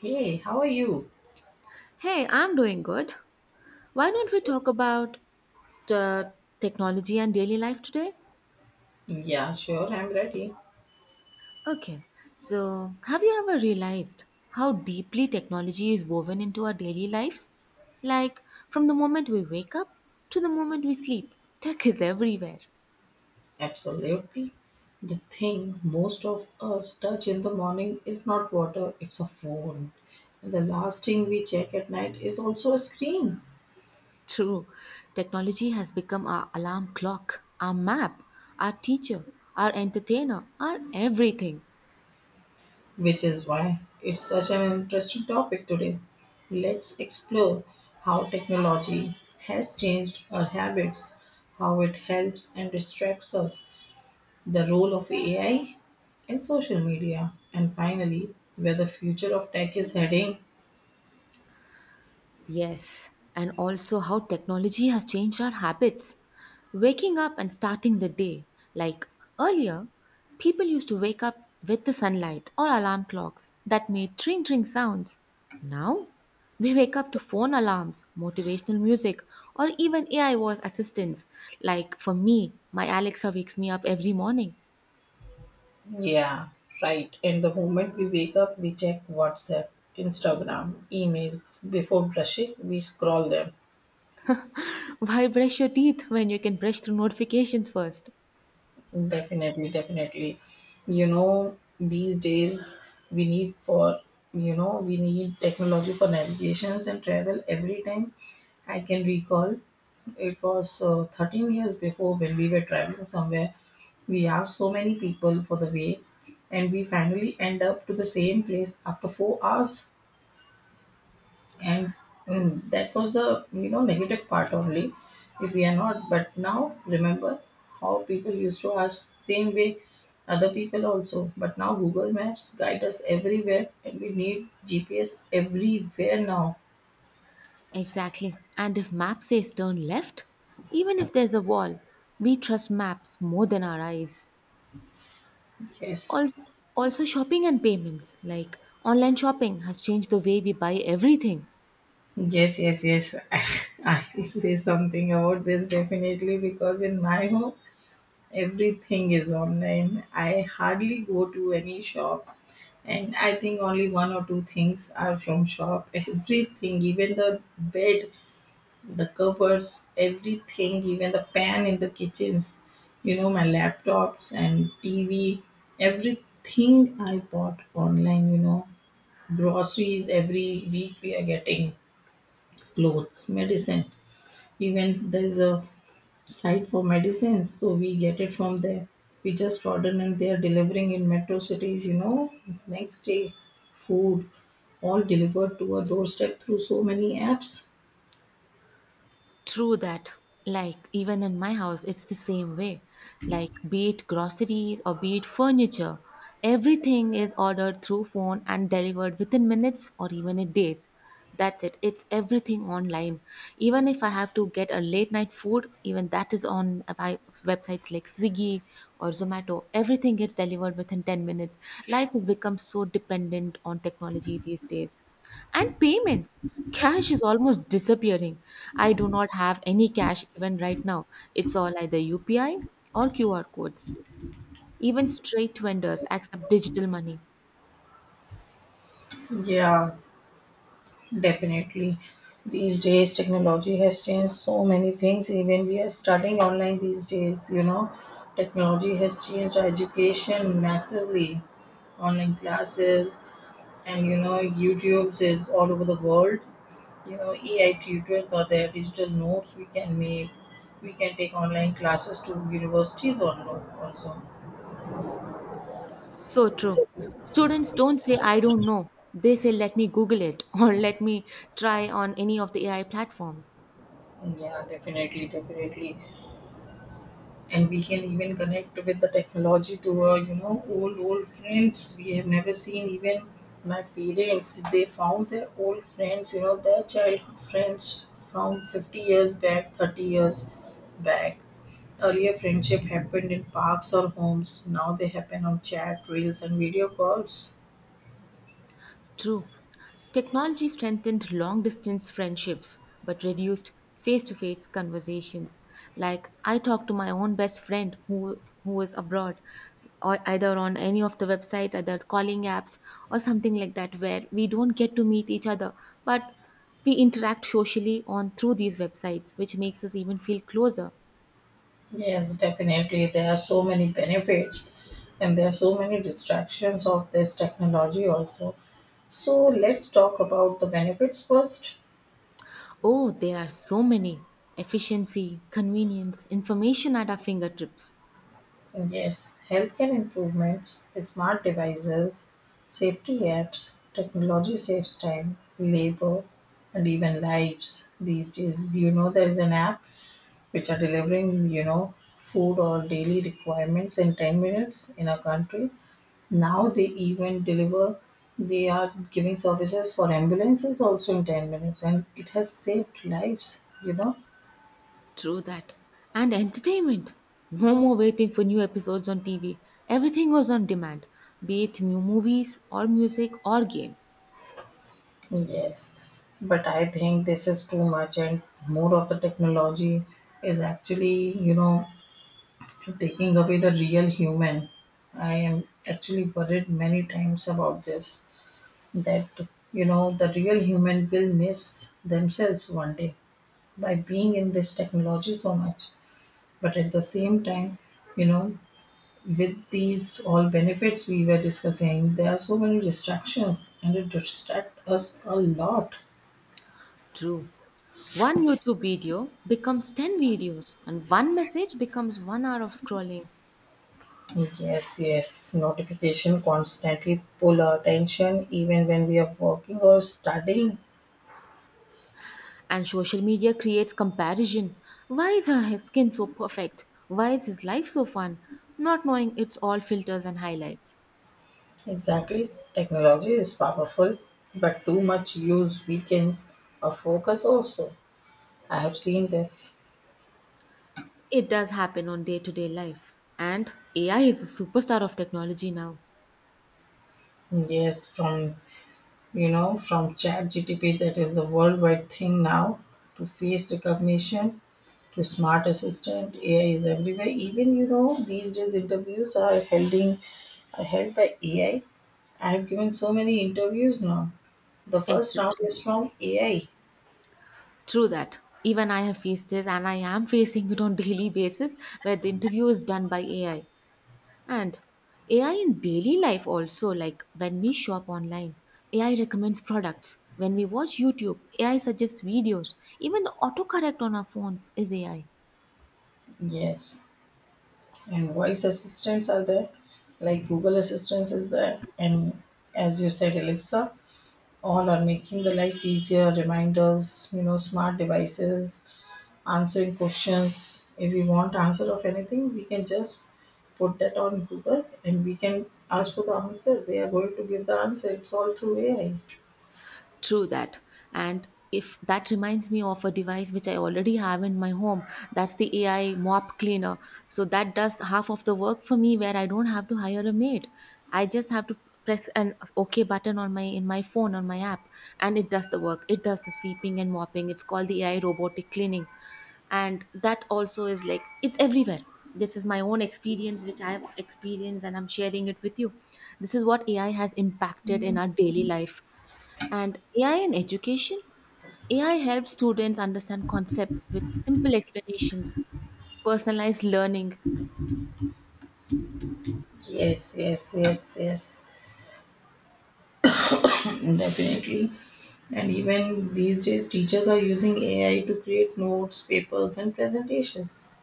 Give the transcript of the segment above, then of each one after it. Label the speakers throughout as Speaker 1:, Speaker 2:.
Speaker 1: Hey, how are you?
Speaker 2: Hey, I'm doing good. Why don't
Speaker 1: S-
Speaker 2: we talk about uh, technology and daily life today?
Speaker 1: Yeah, sure, I'm ready.
Speaker 2: Okay, so have you ever realized how deeply technology is woven into our daily lives? Like, from the moment we wake up to the moment we sleep, tech is everywhere.
Speaker 1: Absolutely. The thing most of us touch in the morning is not water, it's a phone. And the last thing we check at night is also a screen,
Speaker 2: True, technology has become our alarm clock, our map, our teacher, our entertainer, our everything.
Speaker 1: which is why it's such an interesting topic today. Let's explore how technology has changed our habits, how it helps and distracts us, the role of AI in social media, and finally, where the future of tech is heading.
Speaker 2: Yes, and also how technology has changed our habits. Waking up and starting the day. Like earlier, people used to wake up with the sunlight or alarm clocks that made tring tring sounds. Now, we wake up to phone alarms, motivational music, or even AI voice assistants. Like for me, my Alexa wakes me up every morning.
Speaker 1: Yeah, right. And the moment we wake up, we check WhatsApp, Instagram, emails. Before brushing, we scroll them.
Speaker 2: Why brush your teeth when you can brush through notifications first?
Speaker 1: Definitely, definitely. You know, these days we need for we need technology for navigations and travel every time. I can recall it was 13 years before when we were traveling somewhere. We have so many people for the way, and we finally end up to the same place after 4 hours. And that was the negative part only. If we are not, but now remember how people used to ask same way, other people also. But now Google Maps guide us everywhere, and we need GPS everywhere now.
Speaker 2: Exactly. And if map says turn left, even if there's a wall, we trust maps more than our eyes.
Speaker 1: Yes.
Speaker 2: Also, also shopping and payments, like online shopping has changed the way we buy everything.
Speaker 1: Yes, yes, yes. I will say something about this definitely because in my home, everything is online. I hardly go to any shop, and I think only one or two things are from shop. Everything, even the bed, the covers, everything, even the pan in the kitchens, you know, my laptops and TV, everything I bought online, you know. Groceries every week we are getting, clothes, medicine. Even there is a site for medicines, so we get it from there. We just ordered and they are delivering in metro cities, you know, next day. Food, all delivered to our doorstep through so many apps.
Speaker 2: True that. Like, even in my house, it's the same way. Like, be it groceries or be it furniture, everything is ordered through phone and delivered within minutes or even in days. That's it. It's everything online. Even if I have to get a late night food, even that is on by websites like Swiggy or Zomato. Everything gets delivered within 10 minutes. Life has become so dependent on technology these days. And payments. Cash is almost disappearing. I do not have any cash even right now. It's all either UPI or QR codes. Even street vendors accept digital money.
Speaker 1: Yeah, definitely, these days technology has changed so many things, even we are studying online these days, you know. Technology has changed our education massively. Online classes, and you know, YouTube's is all over the world, you know, AI tutors, or their digital notes we can make. We can take online classes to universities online also.
Speaker 2: So true. Students don't say, I don't know. They say, let me Google it or let me try on any of the AI platforms.
Speaker 1: Yeah, definitely, definitely. And we can even connect with the technology to our, you know, old friends we have never seen even. My parents, they found their old friends, you know, their childhood friends from 50 years back, 30 years back. Earlier, friendship happened in parks or homes. Now they happen on chat, reels and video calls.
Speaker 2: True. Technology strengthened long distance friendships but reduced face to face conversations. Like I talked to my own best friend who was abroad or either on any of the websites, either calling apps or something like that where we don't get to meet each other but we interact socially on through these websites which makes us even feel closer.
Speaker 1: Yes, definitely. There are so many benefits, and there are so many distractions of this technology also. So let's talk about the benefits first.
Speaker 2: Oh, there are so many efficiency, convenience, information at our fingertips.
Speaker 1: Yes, healthcare improvements, smart devices, safety apps, technology saves time, labor, and even lives these days. You know, there is an app which are delivering, you know, food or daily requirements in 10 minutes in our country. Now they even deliver, they are giving services for ambulances also in 10 minutes, and it has saved lives, you know.
Speaker 2: True that. And entertainment. No more waiting for new episodes on TV. Everything was on demand, be it new movies or music or games.
Speaker 1: Yes, but I think this is too much, and more of the technology is actually, you know, taking away the real human. I am actually worried many times about this, that you know the real human will miss themselves one day by being in this technology so much. But at the same time, you know, with these all benefits we were discussing, there are so many distractions, and it distract us a lot.
Speaker 2: True. One YouTube video becomes 10 videos, and one message becomes 1 hour of scrolling.
Speaker 1: Yes, yes, notification constantly pull our attention even when we are working or studying.
Speaker 2: And social media creates comparison. Why is her his skin so perfect? Why is his life so fun? Not knowing it's all filters and highlights.
Speaker 1: Exactly, technology is powerful, but too much use weakens our focus also. I have seen this.
Speaker 2: It does happen on day to day life. And AI is a superstar of technology now.
Speaker 1: Yes, from you know, from Chat GTP that is the worldwide thing now, to face recognition, to smart assistant. AI is everywhere. Even you know, these days interviews are held in, are held by AI. I have given so many interviews now. The first round
Speaker 2: Exactly.
Speaker 1: is from AI.
Speaker 2: True that. Even I have faced this, and I am facing it on daily basis, where the interview is done by AI. And AI in daily life also, like when we shop online, AI recommends products. When we watch YouTube, AI suggests videos. Even the autocorrect on our phones is AI.
Speaker 1: Yes. And voice assistants are there, like Google Assistants is there, and as you said, Alexa. All are making the life easier, reminders, you know, smart devices, answering questions. If we want answer of anything, we can just put that on Google and we can ask for the answer, they are going to give the answer, it's all through AI.
Speaker 2: True that. And if that reminds me of a device which I already have in my home, that's the AI mop cleaner. So that does half of the work for me where I don't have to hire a maid. I just have to press an OK button on my in my phone on my app and it does the work. It does the sweeping and mopping. It's called the AI robotic cleaning. And that also is like it's everywhere. This is my own experience which I have experienced and I'm sharing it with you. This is what AI has impacted in our daily life. And AI in education? AI helps students understand concepts with simple explanations, personalized learning.
Speaker 1: Yes, yes, yes, yes, definitely. And even these days teachers are using AI to create notes, papers and presentations.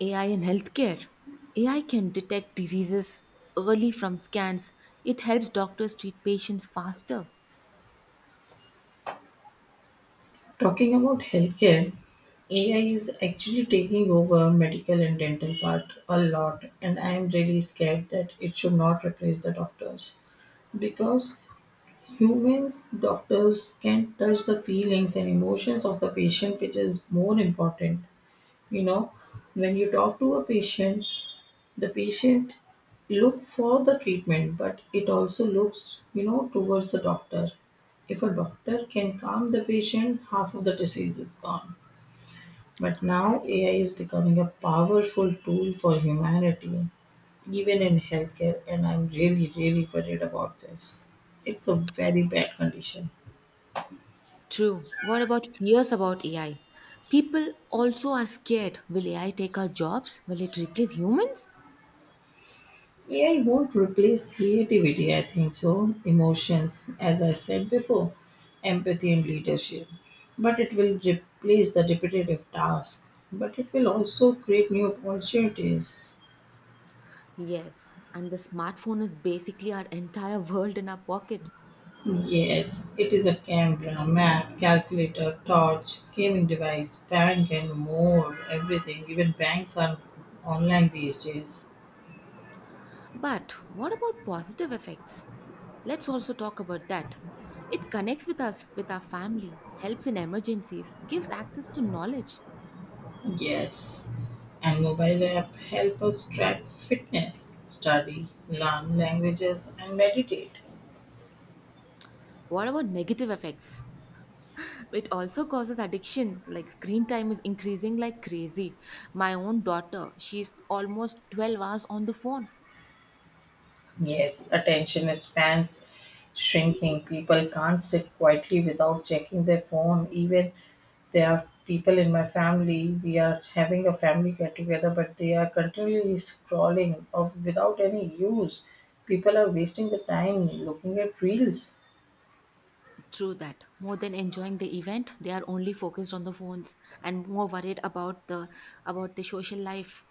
Speaker 2: AI in healthcare? AI can detect diseases early from scans. It helps doctors treat patients faster.
Speaker 1: Talking about healthcare, AI is actually taking over medical and dental part a lot, and I am really scared that it should not replace the doctors, because humans doctors can touch the feelings and emotions of the patient, which is more important. You know, when you talk to a patient, the patient look for the treatment, but it also looks, you know, towards the doctor. If a doctor can calm the patient, half of the disease is gone. But now AI is becoming a powerful tool for humanity, even in healthcare, and I'm really, really worried about this. It's a very bad condition.
Speaker 2: True. What about fears about AI? People also are scared. Will AI take our jobs? Will it replace humans?
Speaker 1: AI won't replace creativity, I think so, emotions, as I said before, empathy and leadership. But it will replace the repetitive task. But it will also create new opportunities.
Speaker 2: Yes. And the smartphone is basically our entire world in our pocket.
Speaker 1: Yes, it is a camera, map, calculator, torch, gaming device, bank, and more. Everything. Even banks are online these days.
Speaker 2: But what about positive effects? Let's also talk about that. It connects with us, with our family, helps in emergencies, gives access to knowledge.
Speaker 1: Yes, and mobile app help us track fitness, study, learn languages, and meditate.
Speaker 2: What about negative effects? It also causes addiction, like screen time is increasing like crazy. My own daughter, she's almost 12 hours on the phone.
Speaker 1: Yes, attention spans shrinking. People can't sit quietly without checking their phone, even. There are people in my family, we are having a family get together, but they are continually scrolling of without any use. People are wasting the time looking at reels.
Speaker 2: True that. More than enjoying the event, they are only focused on the phones and more worried about the social life,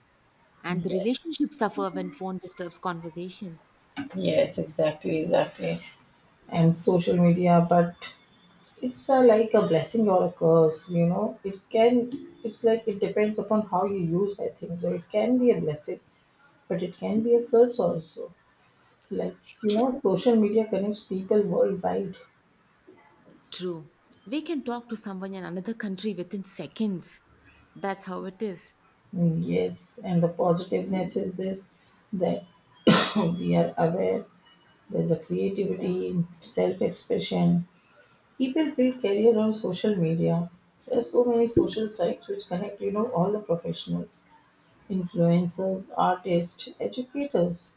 Speaker 2: and the
Speaker 1: Yes.
Speaker 2: relationships suffer when phone disturbs conversations.
Speaker 1: Yes, exactly, exactly. And social media, but it's a, like a blessing or a curse, you know. It can, it's like it depends upon how you use, I think. So it can be a blessing, but it can be a curse also. Like, you
Speaker 2: Sh-
Speaker 1: know, social media connects people worldwide.
Speaker 2: True. We can talk to someone in another country within seconds. That's how it is.
Speaker 1: Yes, and the positiveness is this that we are aware there's a creativity, self expression. People build career on social media. There are so many social sites which connect, you know, all the professionals, influencers, artists, educators.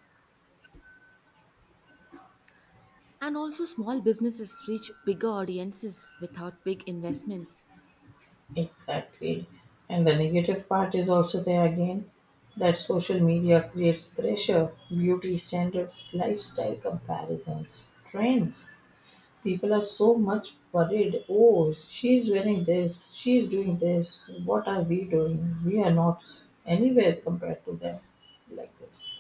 Speaker 2: And also, small businesses reach bigger audiences without big investments.
Speaker 1: Exactly. And the negative part is also there again, that social media creates pressure, beauty standards, lifestyle comparisons, trends. People are so much worried. Oh, she's wearing this, she's doing this. What are we doing? We are not anywhere compared to them, like this.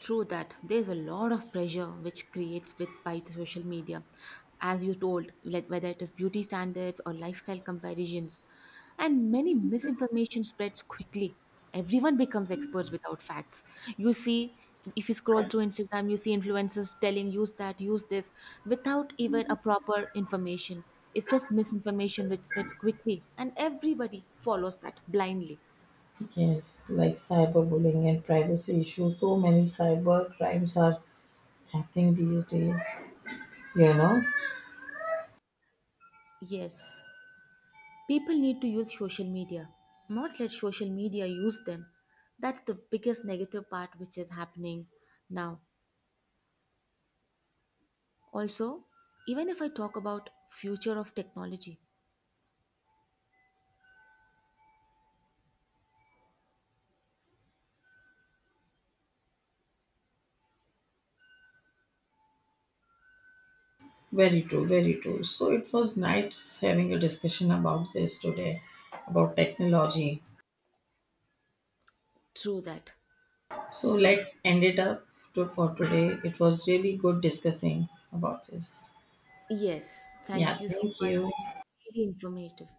Speaker 2: True that. There's a lot of pressure which creates with by the social media, as you told, like whether it is beauty standards or lifestyle comparisons, and many misinformation spreads quickly. Everyone becomes experts without facts. You see, if you scroll through Instagram, you see influencers telling use that, use this, without even a proper information. It's just misinformation which spreads quickly, and everybody follows that blindly.
Speaker 1: Yes, like cyberbullying and privacy issues. So many cyber crimes are happening these days. You know,
Speaker 2: Yes. People need to use social media, not let social media use them. That's the biggest negative part which is happening now. Also, even if I talk about future of technology,
Speaker 1: very true, very true. So it was nice having a discussion about this today, about technology.
Speaker 2: through that.
Speaker 1: So
Speaker 2: So,
Speaker 1: let's end it up to, for today. It was really good discussing about this.
Speaker 2: yes,
Speaker 1: Yeah,
Speaker 2: thank you so
Speaker 1: thank
Speaker 2: much.
Speaker 1: you.
Speaker 2: Very informative.